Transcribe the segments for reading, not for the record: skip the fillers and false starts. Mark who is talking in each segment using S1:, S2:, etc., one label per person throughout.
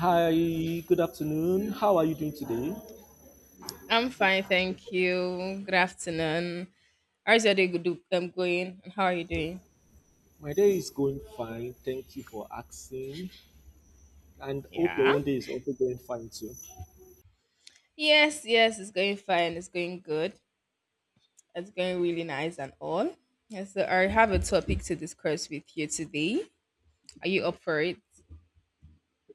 S1: Hi, good afternoon. How are you doing today?
S2: I'm fine, thank you. Good afternoon. How's your day going? And how are you doing?
S1: My day is going fine. Thank you for asking. And hope
S2: Yeah.
S1: your own day is also going fine too.
S2: Yes, yes, it's going fine. It's going good. It's going really nice and all. And so I have a topic to discuss with you today. Are you up for it?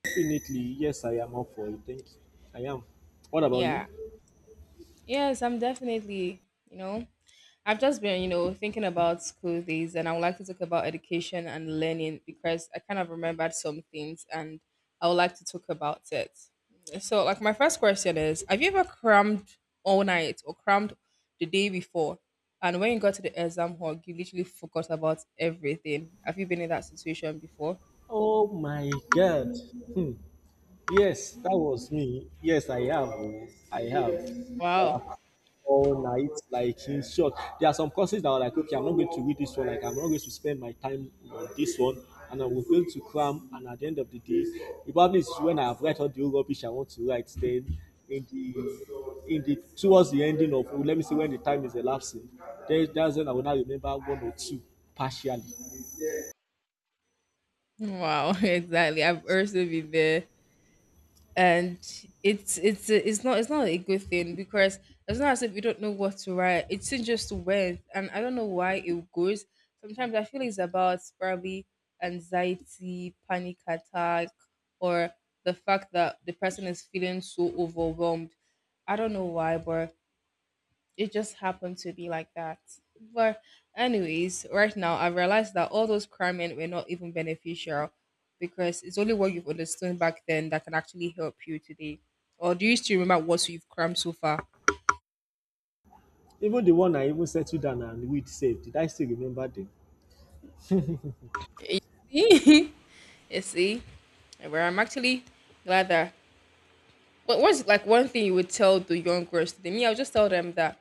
S1: Definitely, yes, I am up for it. Thank you. I am. What about you?
S2: Yeah. Yes, I'm definitely, you know, I've just been, thinking about school days, and I would like to talk about education and learning because I kind of remembered some things, and I would like to talk about it. So, like, my first question is: Have you ever crammed all night or crammed the day before, and when you got to the exam hall, you literally forgot about everything? Have you been in that situation before?
S1: Oh my God. Hmm. Yes, that was me. Yes, I have. Oh. I have.
S2: Wow,
S1: I have all night. Like in short, there are some courses that are like, okay, I'm not going to read this one. Like I'm not going to spend my time on this one, and I was going to cram. And at the end of the day, the problem is when I have write all the whole rubbish I want to write. Then in the in the towards the ending of, oh, let me see when the time is elapsing. Then that's when I will now remember one or two partially.
S2: wow, exactly. I've also been there. And it's not a good thing because it's not as if we don't know what to write. It's just went, and I don't know why it goes. Sometimes I feel it's about probably anxiety, panic attack, or the fact that the person is feeling so overwhelmed. I don't know why, but it just happened to be like that. But anyways, right now I realized that all those cramming were not even beneficial because it's only what you've understood back then that can actually help you today. Or do you still remember what you've crammed so far?
S1: Even the one I even settled down and read saved, did I still remember them?
S2: You see? You see? Where I'm actually glad that, but what's, like, one thing you would tell the young girls today? Me, I'll just tell them that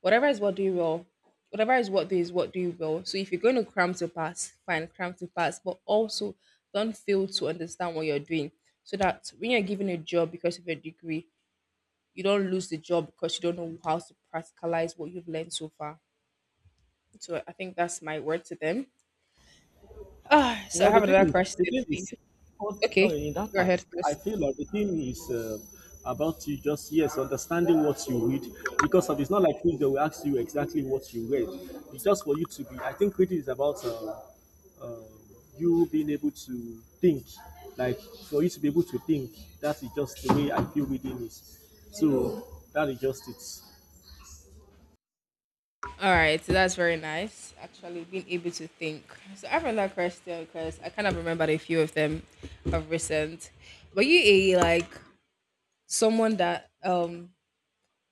S2: whatever is what do you will. Whatever is what do you will. So if you're going to cram to pass, fine, cram to pass, but also don't fail to understand what you're doing. So that when you're given a job because of your degree, you don't lose the job because you don't know how to practicalize what you've learned so far. So I think that's my word to them. Ah, so I
S1: Well, the
S2: have
S1: thing
S2: another
S1: is,
S2: question for you.
S1: oh,
S2: Okay,
S1: sorry, in that
S2: go
S1: part.
S2: ahead
S1: I
S2: first.
S1: feel like the thing is about you just, yes, understanding what you read, because of, it's not like quiz they will ask you exactly what you read. It's just for you to be, I think reading is about uh, you being able to think, like for you to be able to think. That is just the way I feel reading is. So that is just it.
S2: All right, so that's very nice. Actually, being able to think. So I have another question because I kind of remembered a few of them of recent. Were you a like someone that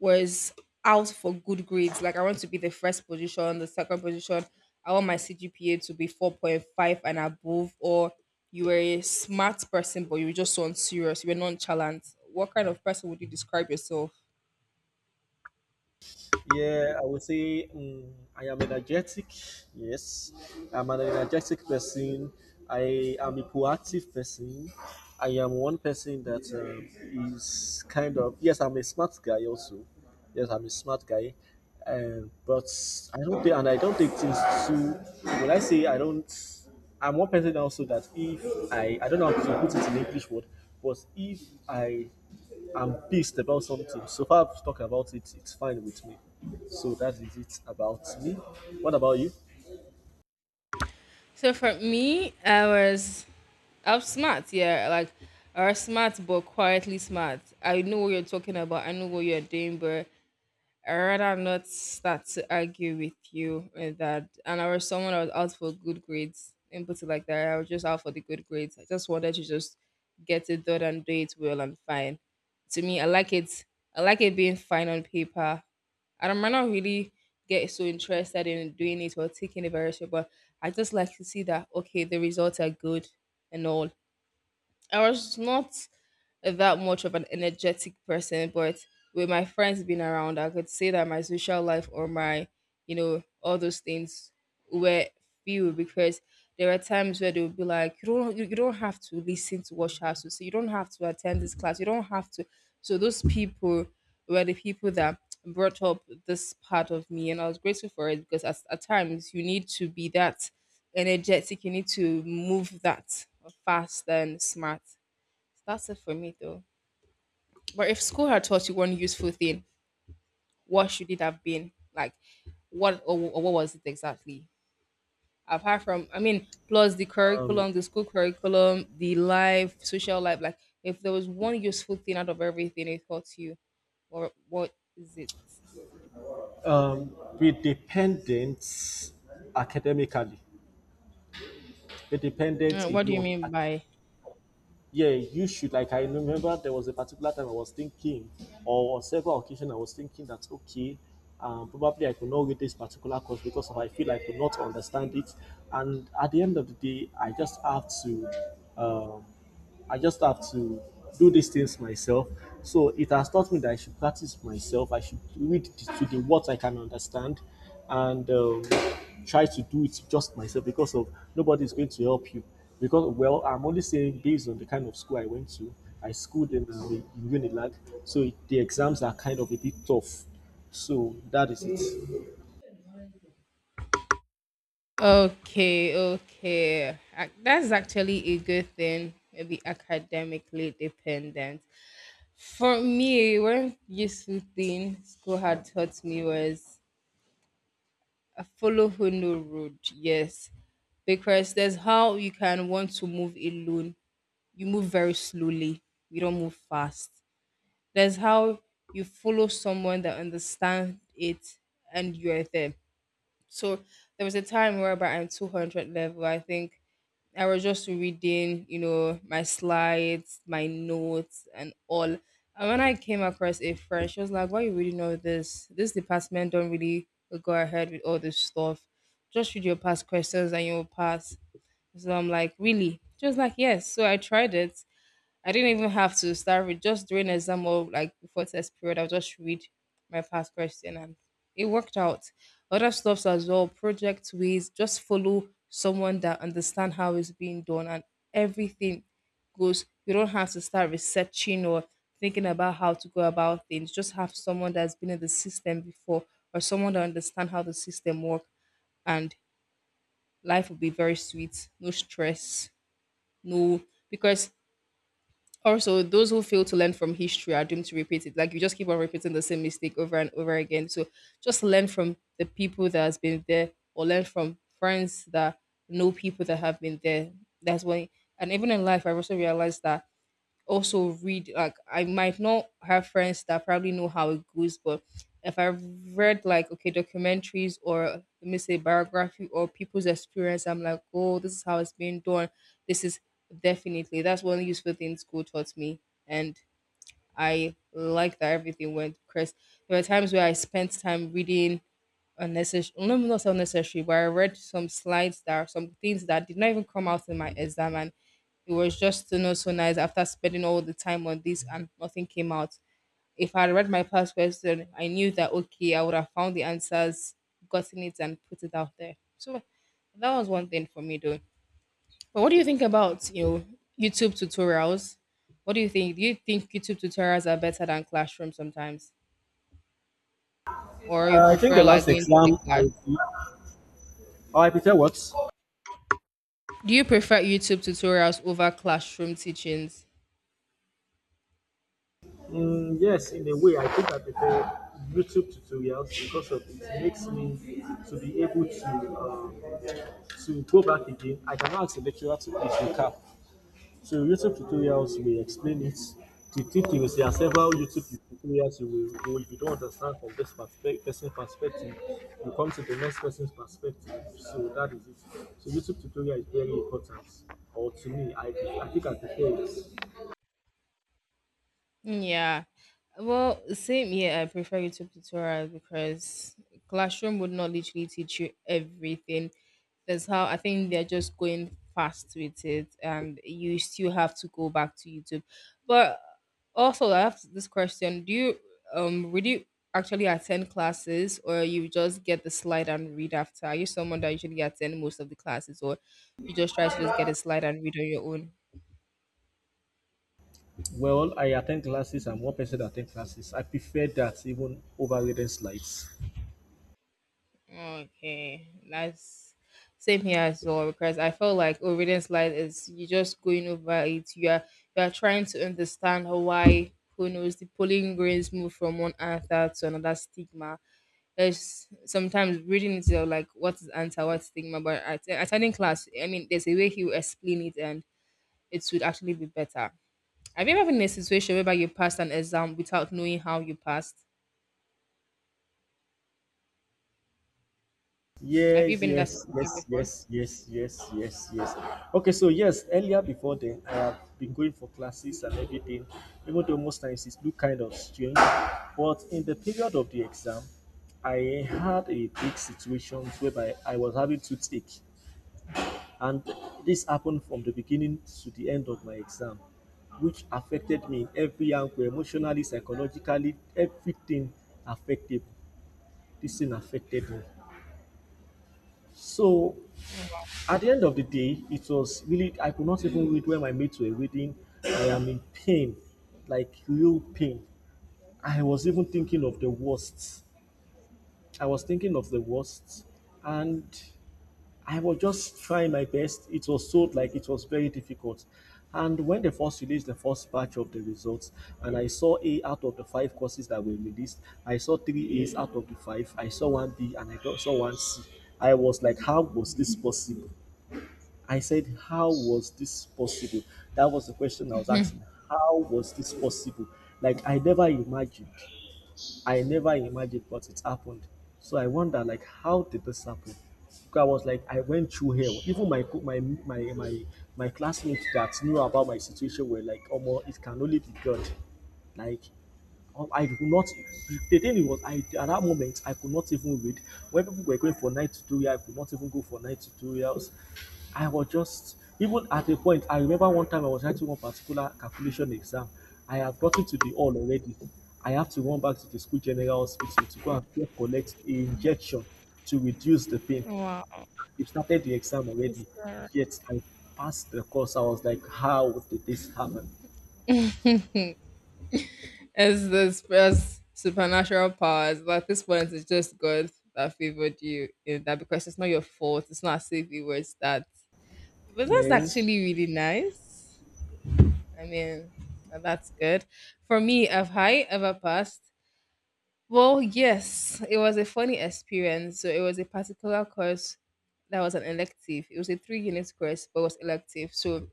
S2: was out for good grades? Like, I want to be the first position, the second position. I want my CGPA to be 4.5 and above. Or you were a smart person, but you were just so unserious. You were nonchalant. What kind of person would you describe yourself?
S1: Yeah, I would say I am energetic. Yes, I'm an energetic person. I am a proactive person. I am one person that is kind of yes, I'm a smart guy also. Yes, I'm a smart guy, but I don't think and I don't take things too. When I say I don't, I'm one person also that if I don't know how to put it in English word, but if I I'm pissed about something. So far, I've talked about it. It's fine with me. So that is it about me. What about you?
S2: So for me, I was smart. Yeah, like, I was smart, but quietly smart. I know what you're talking about. I know what you're doing, but I rather not start to argue with you with that. And I was someone I was out for good grades, and put it like that. I was just out for the good grades. I just wanted to just get it done and do it well and fine. To me, I like it. I like it being fine on paper. And I don't might not really get so interested in doing it or taking it very seriously, but I just like to see that, okay, the results are good and all. I was not that much of an energetic person, but with my friends being around, I could say that my social life, or my, you know, all those things were few because there are times where they'll be like, you don't have to listen to what she has to say. You don't have to attend this class. You don't have to. So those people were the people that brought up this part of me, and I was grateful for it because, at times you need to be that energetic. You need to move that fast and smart. That's it for me though. But if school had taught you one useful thing, what should it have been? Like, what, or what was it exactly? Apart from, I mean, plus the curriculum, the school curriculum, the life, social life, like, if there was one useful thing out of everything it taught you, or what is it?
S1: Be dependent academically. Be dependent
S2: What do you
S1: alone.
S2: mean by?
S1: Yeah, you should. Like I remember, there was a particular time I was thinking, or on several occasions I was thinking that okay, probably I could not read this particular course because of I feel I could not understand it. And at the end of the day, I just have to. I just have to do these things myself. So it has taught me that I should practice myself. I should read to the what I can understand and try to do it just myself because of nobody is going to help you. Because well, I'm only saying based on the kind of school I went to. I schooled in Unilag, so it, the exams are kind of a bit tough. So that is it.
S2: Okay, okay. That's actually a good thing, maybe academically dependent. For me, one useful thing school had taught me was, "A follow who no road." Yes. Because there's how you can want to move alone, you move very slowly. You don't move fast. There's how you follow someone that understands it, and you're there. So there was a time whereby I'm 200 level. I think I was just reading, you know, my slides, my notes, and all. And when I came across a friend, she was like, "Why you reading all this? This department don't really go ahead with all this stuff. Just read your past questions and you'll pass." So I'm like, "Really?" She was like, "Yes." So I tried it, I didn't even have to start with just during exam or like before test period. I'll just read my past question, and it worked out. Other stuffs as well, project ways, just follow someone that understand how it's being done, and everything goes. You don't have to start researching or thinking about how to go about things. Just have someone that's been in the system before, or someone that understand how the system work, and life will be very sweet. No stress, no, because also, those who fail to learn from history are doomed to repeat it. Like, you just keep on repeating the same mistake over and over again. So just learn from the people that has been there, or learn from friends that know people that have been there. That's why. And even in life, I've also realized that also read, like, I might not have friends that probably know how it goes, but if I've read, like, okay, documentaries, or let me say biography or people's experience, I'm like, oh, this is how it's being done. This is definitely, that's one useful thing school taught me, and I like that everything went. Because there were times where I spent time reading unnecessary, no, not so unnecessary, but I read some slides that are some things that did not even come out in my exam, and it was just, you know, so nice after spending all the time on this and nothing came out. If I had read my past question, I knew that, okay, I would have found the answers, gotten it and put it out there. So that was one thing for me though. But what do you think about, you know, YouTube tutorials? What Do you think YouTube tutorials are better than classroom sometimes, or you
S1: I think the
S2: prefer
S1: last
S2: like going to the
S1: exam I
S2: class?
S1: did. Oh, I prepared what?
S2: Do you prefer YouTube tutorials over classroom teachings?
S1: Yes, in a way, I think I prefer YouTube tutorials because of it makes me to be able to go back again. I can ask the lecturer to please recap. So YouTube tutorials will explain it. The tip is there are several YouTube tutorials you will go if you don't understand from this person's perspective, you come to the next person's perspective. So that is it. So YouTube tutorial is very important. Or to me, I think I prefer it.
S2: Yeah. Well, same here. I prefer YouTube tutorials because classroom would not literally teach you everything. That's how I think they're just going fast with it, and you still have to go back to YouTube. But also, I have this question: Do you would you actually attend classes, or you just get the slide and read after? Are you someone that usually attend most of the classes, or you just try to just get a slide and read on your own?
S1: Well, I attend classes. I'm one person that attend classes. I prefer that even over reading slides.
S2: Okay, that's same here as well because I felt like obedience light is you just going over it. You are trying to understand why who knows the polling grains move from one answer to another stigma. There's sometimes reading it you're like what is answer, what stigma, but at attending class, I mean, there's a way he will explain it and it would actually be better. Have you ever been in a situation whereby you passed an exam without knowing how you passed? Have you
S1: Yes,
S2: been in that
S1: yes,
S2: situation
S1: yes,
S2: before?
S1: yes, yes, yes, yes, yes. Okay, so yes, earlier before then, I have been going for classes and everything, even though most times it look kind of strange. But in the period of the exam, I had a big situation whereby I was having toothache. And this happened from the beginning to the end of my exam, which affected me in every angle emotionally, psychologically, everything affected. This thing affected me. So at the end of the day, it was really, I could not even read when my mates were reading. I am in pain, like real pain. I was even thinking of the worst. I was thinking of the worst. And I was just trying my best. It was sold like it was very difficult. And when they first released the first batch of the results, and I saw A out of the five courses that were released, I saw three A's out of the five, I saw one B, and I don't- saw one C. I was like, how was this possible? I said, how was this possible? That was the question I was asking. How was this possible? Like, I never imagined. I never imagined, but it happened. So I wonder, like, how did this happen? Because I was like, I went through hell. Even my co- my classmates that knew about my situation were like, "Oh, it can only be God." Like I could not. The thing was, I at that moment I could not even read. When people were going for night tutorial, I could not even go for night tutorials. I was just even at a point. I remember one time I was writing one particular calculation exam. I have gotten to the hall already. I have to run back to the school general hospital to go and just collect a injection to reduce the pain.
S2: Wow.
S1: They started the exam already, yet I passed the course. I was like, how did this happen,
S2: As this first supernatural powers, but at this point, it's just God that favored you in that because it's not your fault. It's not as if you were that. But that's
S1: man?
S2: actually really nice. I mean, that's good. For me, have I ever passed? Well, yes, it was a funny experience. So it was a particular course that was an elective. It was a 3 unit course, but it was elective. So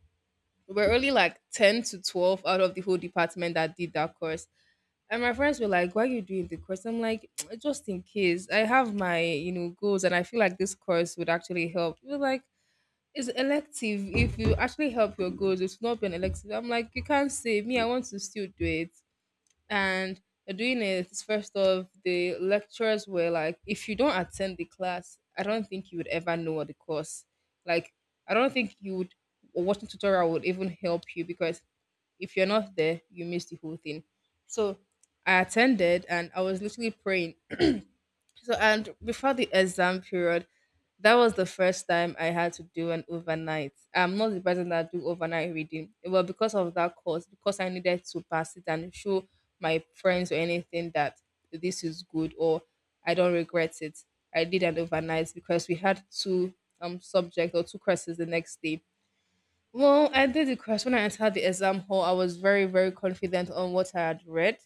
S2: we were only like 10 to 12 out of the whole department that did that course. And my friends were like, "Why are you doing the course?" I'm like, "Just in case. I have my goals, and I feel like this course would actually help." You're like, "It's elective. If you actually help your goals, it's not been elective." I'm like, "You can't say me. I want to still do it." And they're doing it first off, the lecturers were like, "If you don't attend the class, I don't think you would ever know what the course. Like, I don't think you would or watching tutorial would even help you because." If you're not there, you miss the whole thing. So I attended and I was literally praying. So, and Before the exam period, that was the first time I had to do an overnight. I'm not the person that do overnight reading. Well, because of that course, because I needed to pass it and show my friends or anything that this is good or I don't regret it. I did an overnight because we had two subjects or two courses the next day. Well, I did the question when I entered the exam hall. I was very, very confident on what I had read.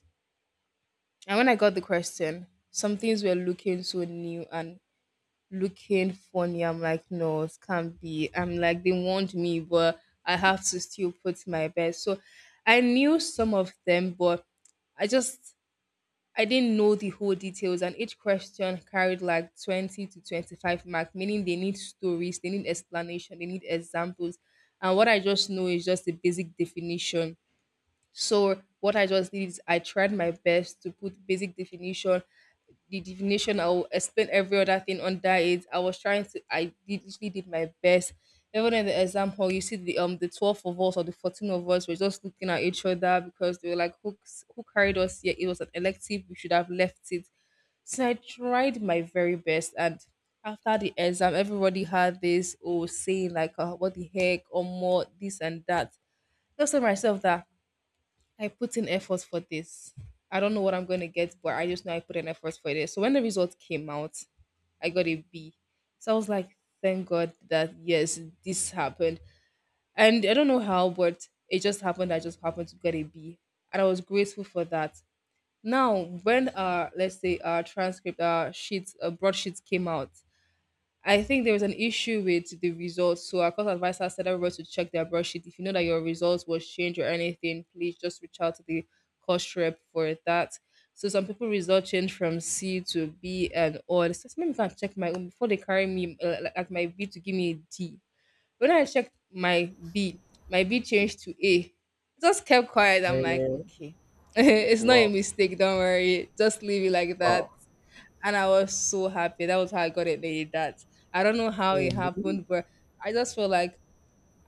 S2: And when I got the question, some things were looking so new and looking funny. I'm like, no, it can't be. I'm like, they warned me, but I have to still put my best. So I knew some of them, but I just I didn't know the whole details, and each question carried like 20 to 25 marks, meaning they need stories, they need explanation, they need examples. And what I just know is just the basic definition. So what I just did is I tried my best to put basic definition, the definition I will explain every other thing under it. I was trying to I did literally did my best. Even in the exam hall, you see the 12 of us or the 14 of us were just looking at each other because they were like, who carried us here? It was an elective. We should have left it. So I tried my very best, and after the exam, everybody had this oh saying like, "What the heck?" or more this and that. Just tell myself that I put in effort for this. I don't know what I'm going to get, but I just know I put in effort for this. So when the result came out, I got a B. So I was like, thank God that yes, this happened. And I don't know how, but it just happened. I just happened to get a B. And I was grateful for that. Now, when let's say our sheets broadsheets came out, I think there was an issue with the results. So our course advisor said everybody to check their brush sheet. If you know that your results was changed or anything, please just reach out to the course rep for that. So some people result change from C to B and all. So maybe if I check my own before they carry me like my B to give me a D. When I checked my B changed to A. Just kept quiet. I'm like,
S1: Man,
S2: okay, it's not a
S1: wow,
S2: mistake. Don't worry. Just leave it like
S1: wow.
S2: that. And I was so happy. That was how I got it made. That I don't know how it
S1: Mm.
S2: happened, but I just feel like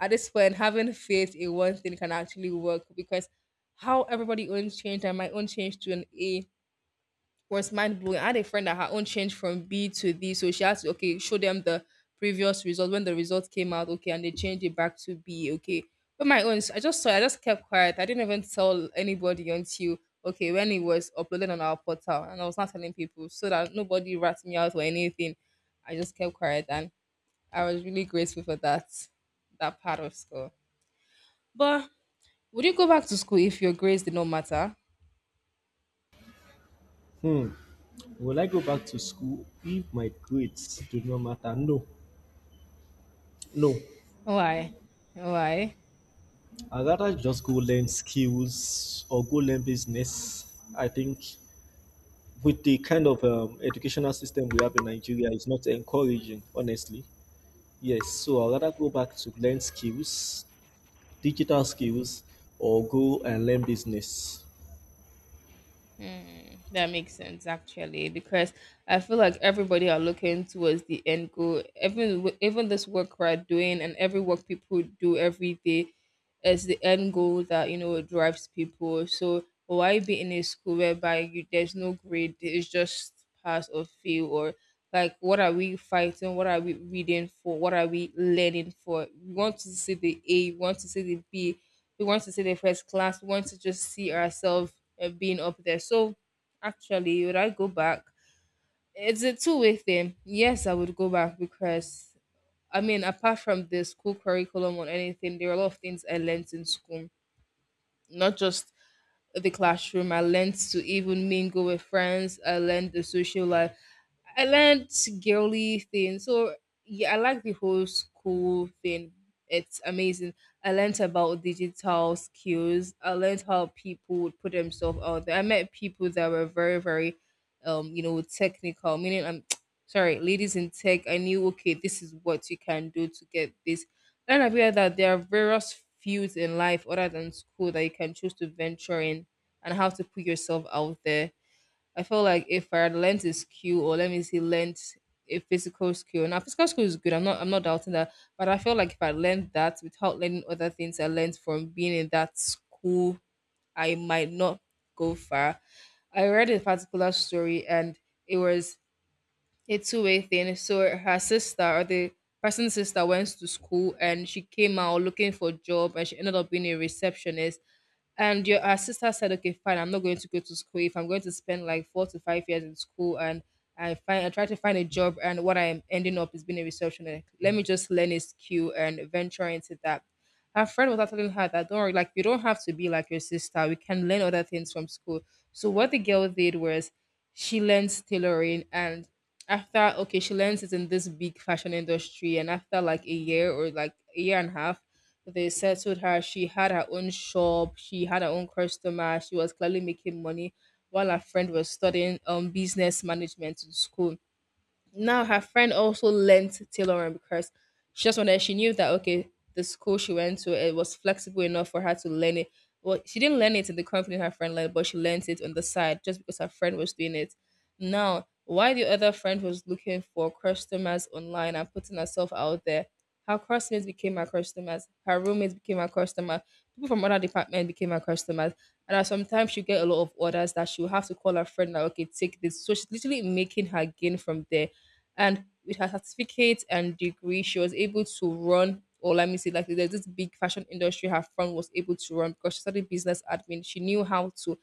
S2: at this point, having faith in one thing can actually work because how everybody owns change and my own change to an A was mind blowing. I had a friend that her own changed from B to D, so she had to okay show them the previous result when the results came out, okay, and they changed it back to B, okay. But my own, I just saw it, I just kept quiet. I didn't even tell anybody until okay when it was uploaded on our portal, and I was not telling people so that nobody rats me out or anything. I just kept quiet, and I was really grateful for that part of school. But would you go back to school if your grades did not matter?
S1: Will I go back to school if my grades do not matter? No, no.
S2: Why? Why?
S1: I'd rather just go learn skills or go learn business. I think with the kind of educational system we have in Nigeria, it's not encouraging, honestly. Yes, so I'd rather go back to learn skills, digital skills, or go and learn business.
S2: Mm, that makes sense actually, because I feel like everybody are looking towards the end goal. Even even this work we're doing and every work people do every day is the end goal that, you know, drives people. So why be in a school whereby you, there's no grade, it's just pass or fail, or like what are we fighting? What are we reading for? What are we learning for? We want to see the A, we want to see the B, we want to see the first class, we want to just see ourselves being up there. So actually, would I go back? It's a two-way thing. Yes, I would go back because, I mean, apart from the school curriculum or anything, there are a lot of things I learned in school, not just the classroom. I learned to even mingle with friends, I learned the social life. I learned girly thing. So yeah, I like the whole school thing. It's amazing. I learned about digital skills. I learned how people would put themselves out there. I met people that were very, very you know, technical, meaning I'm sorry, ladies in tech, I knew okay, this is what you can do to get this. And I realized that there are various fields in life other than school that you can choose to venture in and how to put yourself out there. I feel like if I had learned a skill or let me see learned a physical skill. Now physical skill is good. I'm not doubting that. But I feel like if I learned that without learning other things I learned from being in that school, I might not go far. I read a particular story and it was a two-way thing. So her sister or the person's sister went to school and she came out looking for a job and she ended up being a receptionist. And your her sister said, okay, fine, I'm not going to go to school if I'm going to spend like 4 to 5 years in school and I try to find a job and what I'm ending up is being a receptionist. Let me just learn a skill and venture into that. Her friend was actually her that don't worry, like you don't have to be like your sister. We can learn other things from school. So what the girl did was she learns tailoring and after okay, she learns it in this big fashion industry and after like a year or like a year and a half, they settled her. She had her own shop, she had her own customer, she was clearly making money while her friend was studying business management in school. Now her friend also learnt tailoring because she just wanted she knew that okay, the school she went to it was flexible enough for her to learn it. Well, she didn't learn it in the company her friend learned, but she learned it on the side just because her friend was doing it. Now, why the other friend was looking for customers online and putting herself out there, her classmates became her customers, her roommates became her customer, people from other department became her customers. And that sometimes she get a lot of orders that she will have to call her friend like, okay, take this. So she's literally making her gain from there and with her certificate and degree she was able to run or let me say like there's this big fashion industry her friend was able to run because she studied business admin she knew how to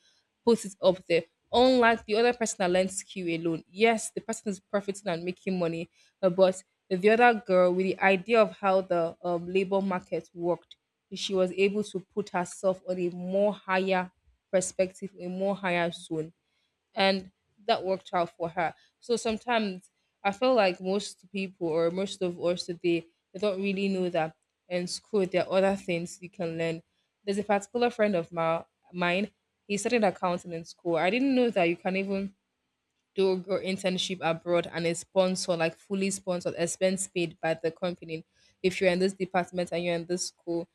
S2: put it up there, unlike the other person that learned skill alone. Yes, the person is profiting and making money, but the other girl with the idea of how the labor market worked, she was able to put herself on a more higher perspective, a more higher zone, and that worked out for her. So sometimes I feel like most people or most of us today they don't really know that in school there are other things you can learn. There's a particular friend of mine. He studied accounting in school. I didn't know that you can even do your internship abroad and is sponsored, like fully sponsored, expense paid by the company. If you're in this department and you're in this school,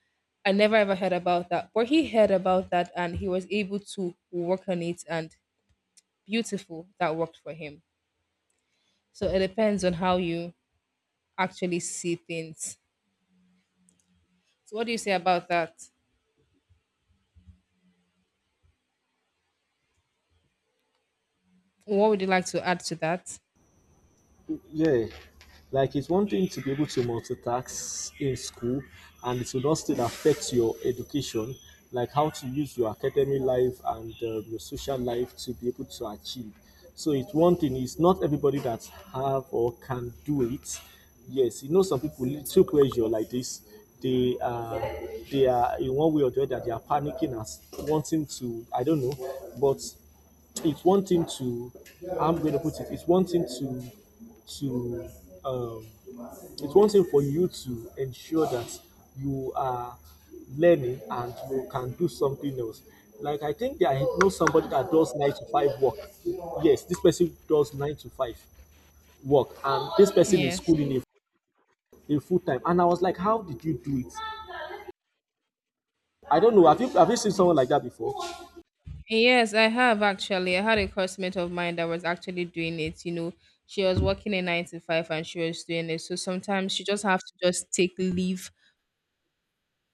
S2: I never ever heard about that. But he heard about that and he was able to work on it and beautiful that worked for him. So it depends on how you actually see things. So what do you say about that? What would you like to add to that?
S1: Yeah, like it's one thing to be able to multitask in school, and it will not still affect your education, like how to use your academic life and your social life to be able to achieve. So it's one thing. It's not everybody that have or can do it. Yes, you know some people little pressure like this. They are they are in one way or the other. They are panicking and wanting to. I don't know, but it's one thing to, I'm going to put it, it's one thing to um it's one thing for you to ensure that you are learning and you can do something else. Like, I think that I know somebody that does nine to five work. Yes, this person does nine to five work, and this person is
S2: Yes.
S1: schooling a full time. And I was like, how did you do it? I don't know. Have you seen someone like that before?
S2: Yes, I have actually. I had a classmate of mine that was actually doing it. You know, she was working a 9 to 5 and she was doing it. So sometimes she just have to just take leave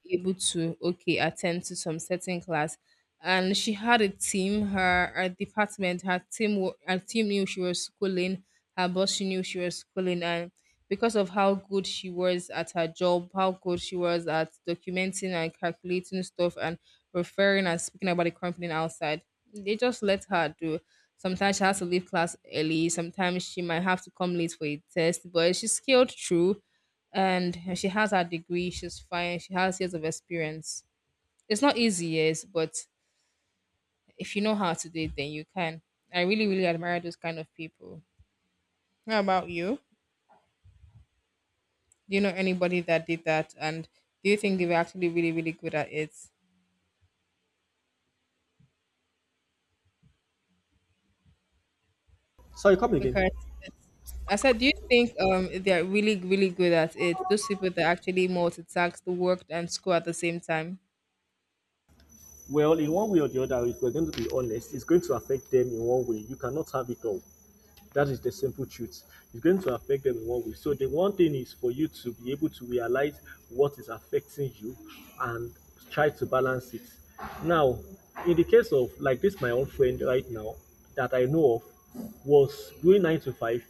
S2: able to okay attend to some certain class, and she had a team, her department, her team knew she was schooling. Her boss, she knew she was schooling, and because of how good she was at her job, how good she was at documenting and calculating stuff and referring and speaking about the company outside, they just let her do. Sometimes she has to leave class early, sometimes she might have to come late for a test, but she scaled through, and she has her degree, she's fine, she has years of experience. It's not easy, yes, but if you know how to do it, then you can. I really really admire those kind of people. How about you? Do you know anybody that did that? And do you think they were actually really really good at it?
S1: Sorry, come again.
S2: Because I said, do you think they're really really good at it, those people that actually multitask the work and school at the same time?
S1: Well, in one way or the other, if we're going to be honest, it's going to affect them in one way. You cannot have it all. That is the simple truth. It's going to affect them in one way. So the one thing is for you to be able to realize what is affecting you and try to balance it. Now, in the case of like this, my own friend right now that I know of was doing nine to five,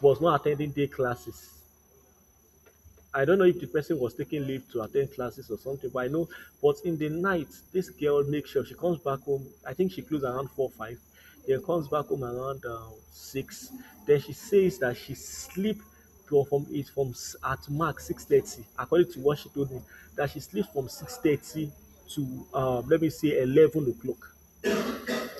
S1: was not attending day classes. I don't know if the person was taking leave to attend classes or something, but I know. But in the night, this girl makes sure she comes back home. I think she closes around 4, 5, then comes back home around six. Then she says that she sleep to from it from at max 6:30, according to what she told me, that she sleeps from 6:30 to let me say 11 o'clock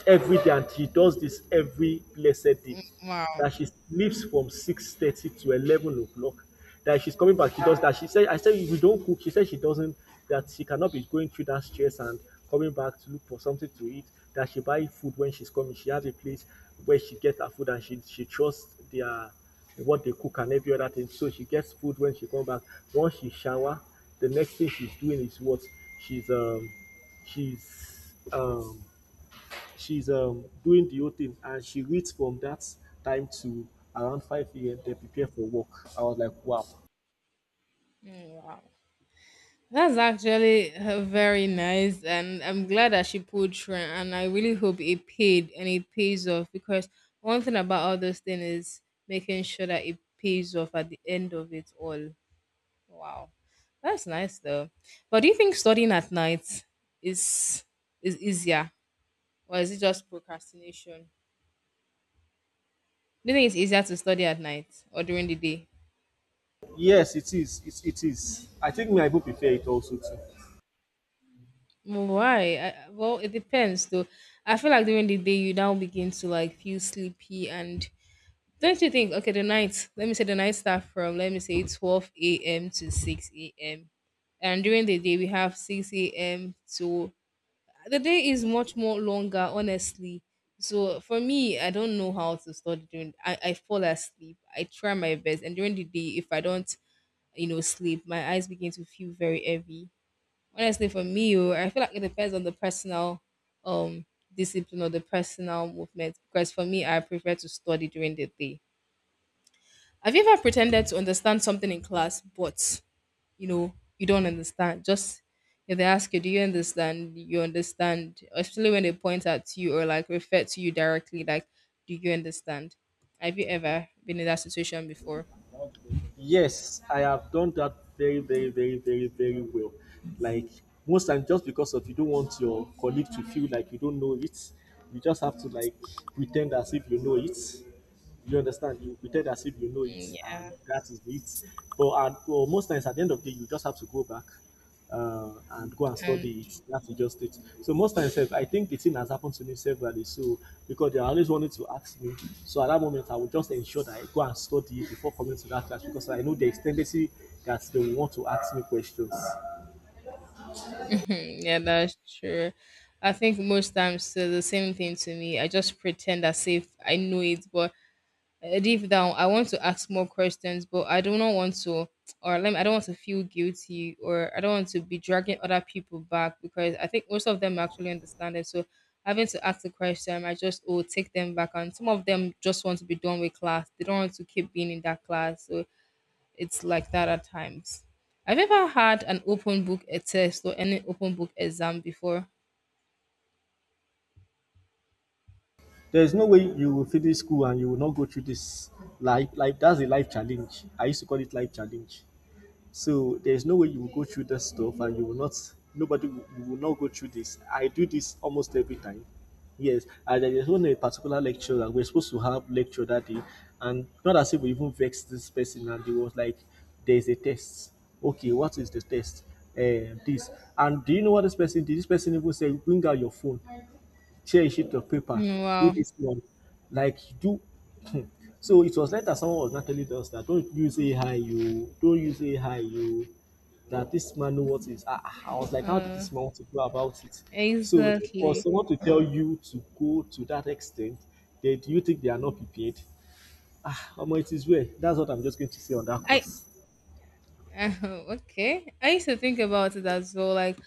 S1: every day, and she does this every blessed day.
S2: Wow.
S1: That she leaves from six thirty to eleven o'clock. That she's coming back, she does that. She said, "I said we don't cook." She said she doesn't. That she cannot be going through that stress and coming back to look for something to eat. That she buy food when she's coming. She has a place where she gets her food, and she trusts their what they cook and every other thing. So she gets food when she comes back. Once she shower, the next thing she's doing is what she's um she's um She's doing the whole thing, and she reads from that time to around 5 a.m. They prepare for work. I was like, wow.
S2: That's actually very nice, and I'm glad that she pulled through. And I really hope it paid and it pays off, because one thing about all those things is making sure that it pays off at the end of it all. Wow, that's nice though. But do you think studying at night is easier, or is it just procrastination? Do you think it's easier to study at night or during the day?
S1: Yes, it is. It is. I think my people prepare it also too.
S2: Mm, why? Well, it depends though. I feel like during the day you now begin to like feel sleepy, and don't you think? Okay, the night, let me say the night start from, let me say, 12 a.m. to 6 a.m. And during the day we have 6 a.m. to the day is much more longer, honestly. So for me, I don't know how to study during. I fall asleep. I try my best, and during the day, if I don't sleep, my eyes begin to feel very heavy. Honestly, for me, oh, I feel like it depends on the personal, um, discipline or the personal movement, because for me, I prefer to study during the day. Have you ever pretended to understand something in class, but you know you don't understand? Just if they ask you, "Do you understand?" you understand, especially when they point at you or like refer to you directly, like, "Do you understand?" Have you ever been in that situation before?
S1: Yes, I have done that very, very, very, very, very well. Like most times, just because of you don't want your colleague to feel like you don't know it, you just have to like pretend as if you know it. You understand? You pretend as if you know it,
S2: Mm.
S1: and that is it. But and, well, most times at the end of the day, you just have to go back and go and
S2: Yeah, and
S1: study it. That's just it. So most times, sef, I think the thing has happened to me severally. So because they are always wanting to ask me, so at that moment, I will just ensure that I go and study it before coming to that class because I know there is tendency that they will want to ask me questions.
S2: yeah, that's true. I think most times so the same thing to me. I just pretend as if I know it, but deep down I want to ask more questions, but I do not want to, or let me, I don't want to feel guilty, or I don't want to be dragging other people back, because I think most of them actually understand it. So having to ask the question, I just oh take them back, and some of them just want to be done with class, they don't want to keep being in that class, so it's like that at times. Have you ever had an open book a test or any open book exam before?
S1: There is no way you will finish school and you will not go through this life. Like that's a life challenge. I used to call it life challenge. So there's no way you will go through that stuff and you will not, nobody, you will not go through this. I do this almost every time. Yes, and there is one a particular lecture that we're supposed to have lecture that day, and not as if we even vexed this person, and it was like, there's a test. Okay, what is the test? This. And do you know what this person did? This person even said, bring out your phone, share a sheet of paper,
S2: Mm,
S1: do
S2: wow.
S1: this one. Like, do so it was later someone was not telling us that don't use AI, you don't use AI, you that this man knows what is. I was like, how did
S2: Uh,
S1: this man want to go about it? So for
S2: exactly.
S1: someone to tell you to go to that extent, they, do you think they are not prepared? Ah, Omo, it is well. That's what I'm just going to say on that
S2: I,
S1: course.
S2: Uh, okay. I used to think about it as well. Like,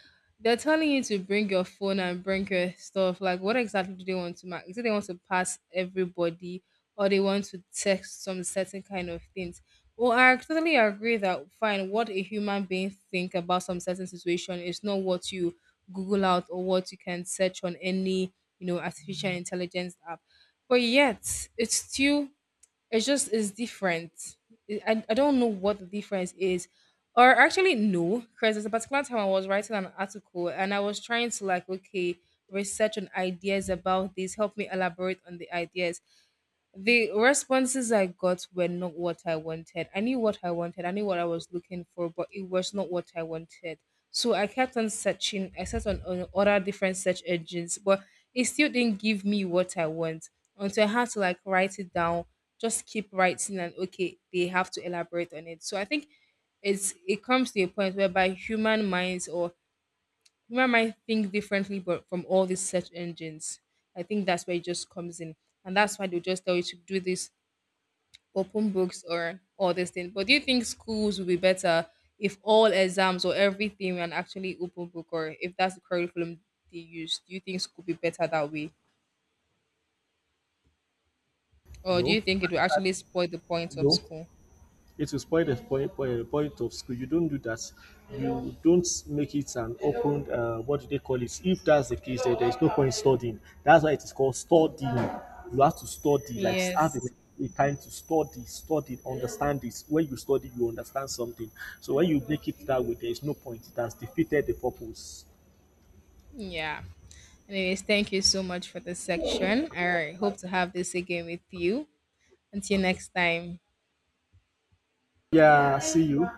S2: they're telling you to bring your phone and bring your stuff. Like, what exactly do they want to mark? Is it they want to pass everybody, or they want to text some certain kind of things? Well, I totally agree that fine, what a human being think about some certain situation is not what you Google out or what you can search on any artificial intelligence app. But yet it's still, it's just, it's different. I don't know what the difference is. Or actually no, because there's a particular time I was writing an article and I was trying to like, okay, research on ideas about this, help me elaborate on the ideas. The responses I got were not what I wanted. I knew what I wanted, I knew what I was looking for, but it was not what I wanted. So I kept on searching. I searched on other different search engines, but it still didn't give me what I want, until I had to like write it down, just keep writing, and okay, they have to elaborate on it. So I think it comes to a point whereby human minds or human mind think differently but from all these search engines. I think that's where it just comes in. And that's why they just tell you to do this, open books or all these things. But do you think schools would be better if all exams or everything were an actually open book, or if that's the curriculum they use? Do you think school would be better that way? Or do
S1: No,
S2: you think it will actually spoil the point of
S1: no.
S2: school?
S1: It will spoil the point, point, point of school. You don't do that. You don't make it an open, what do they call it? If that's the case, then there is no point studying. That's why it is called studying. You have to study, like have
S2: Yes.
S1: a time to study, study, understand it. When you study, you understand something. So when you make it that way, there is no point. It has defeated the purpose.
S2: Yeah. Anyways, thank you so much for this section. I hope to have this again with you. Until next time.
S1: Yeah, see you.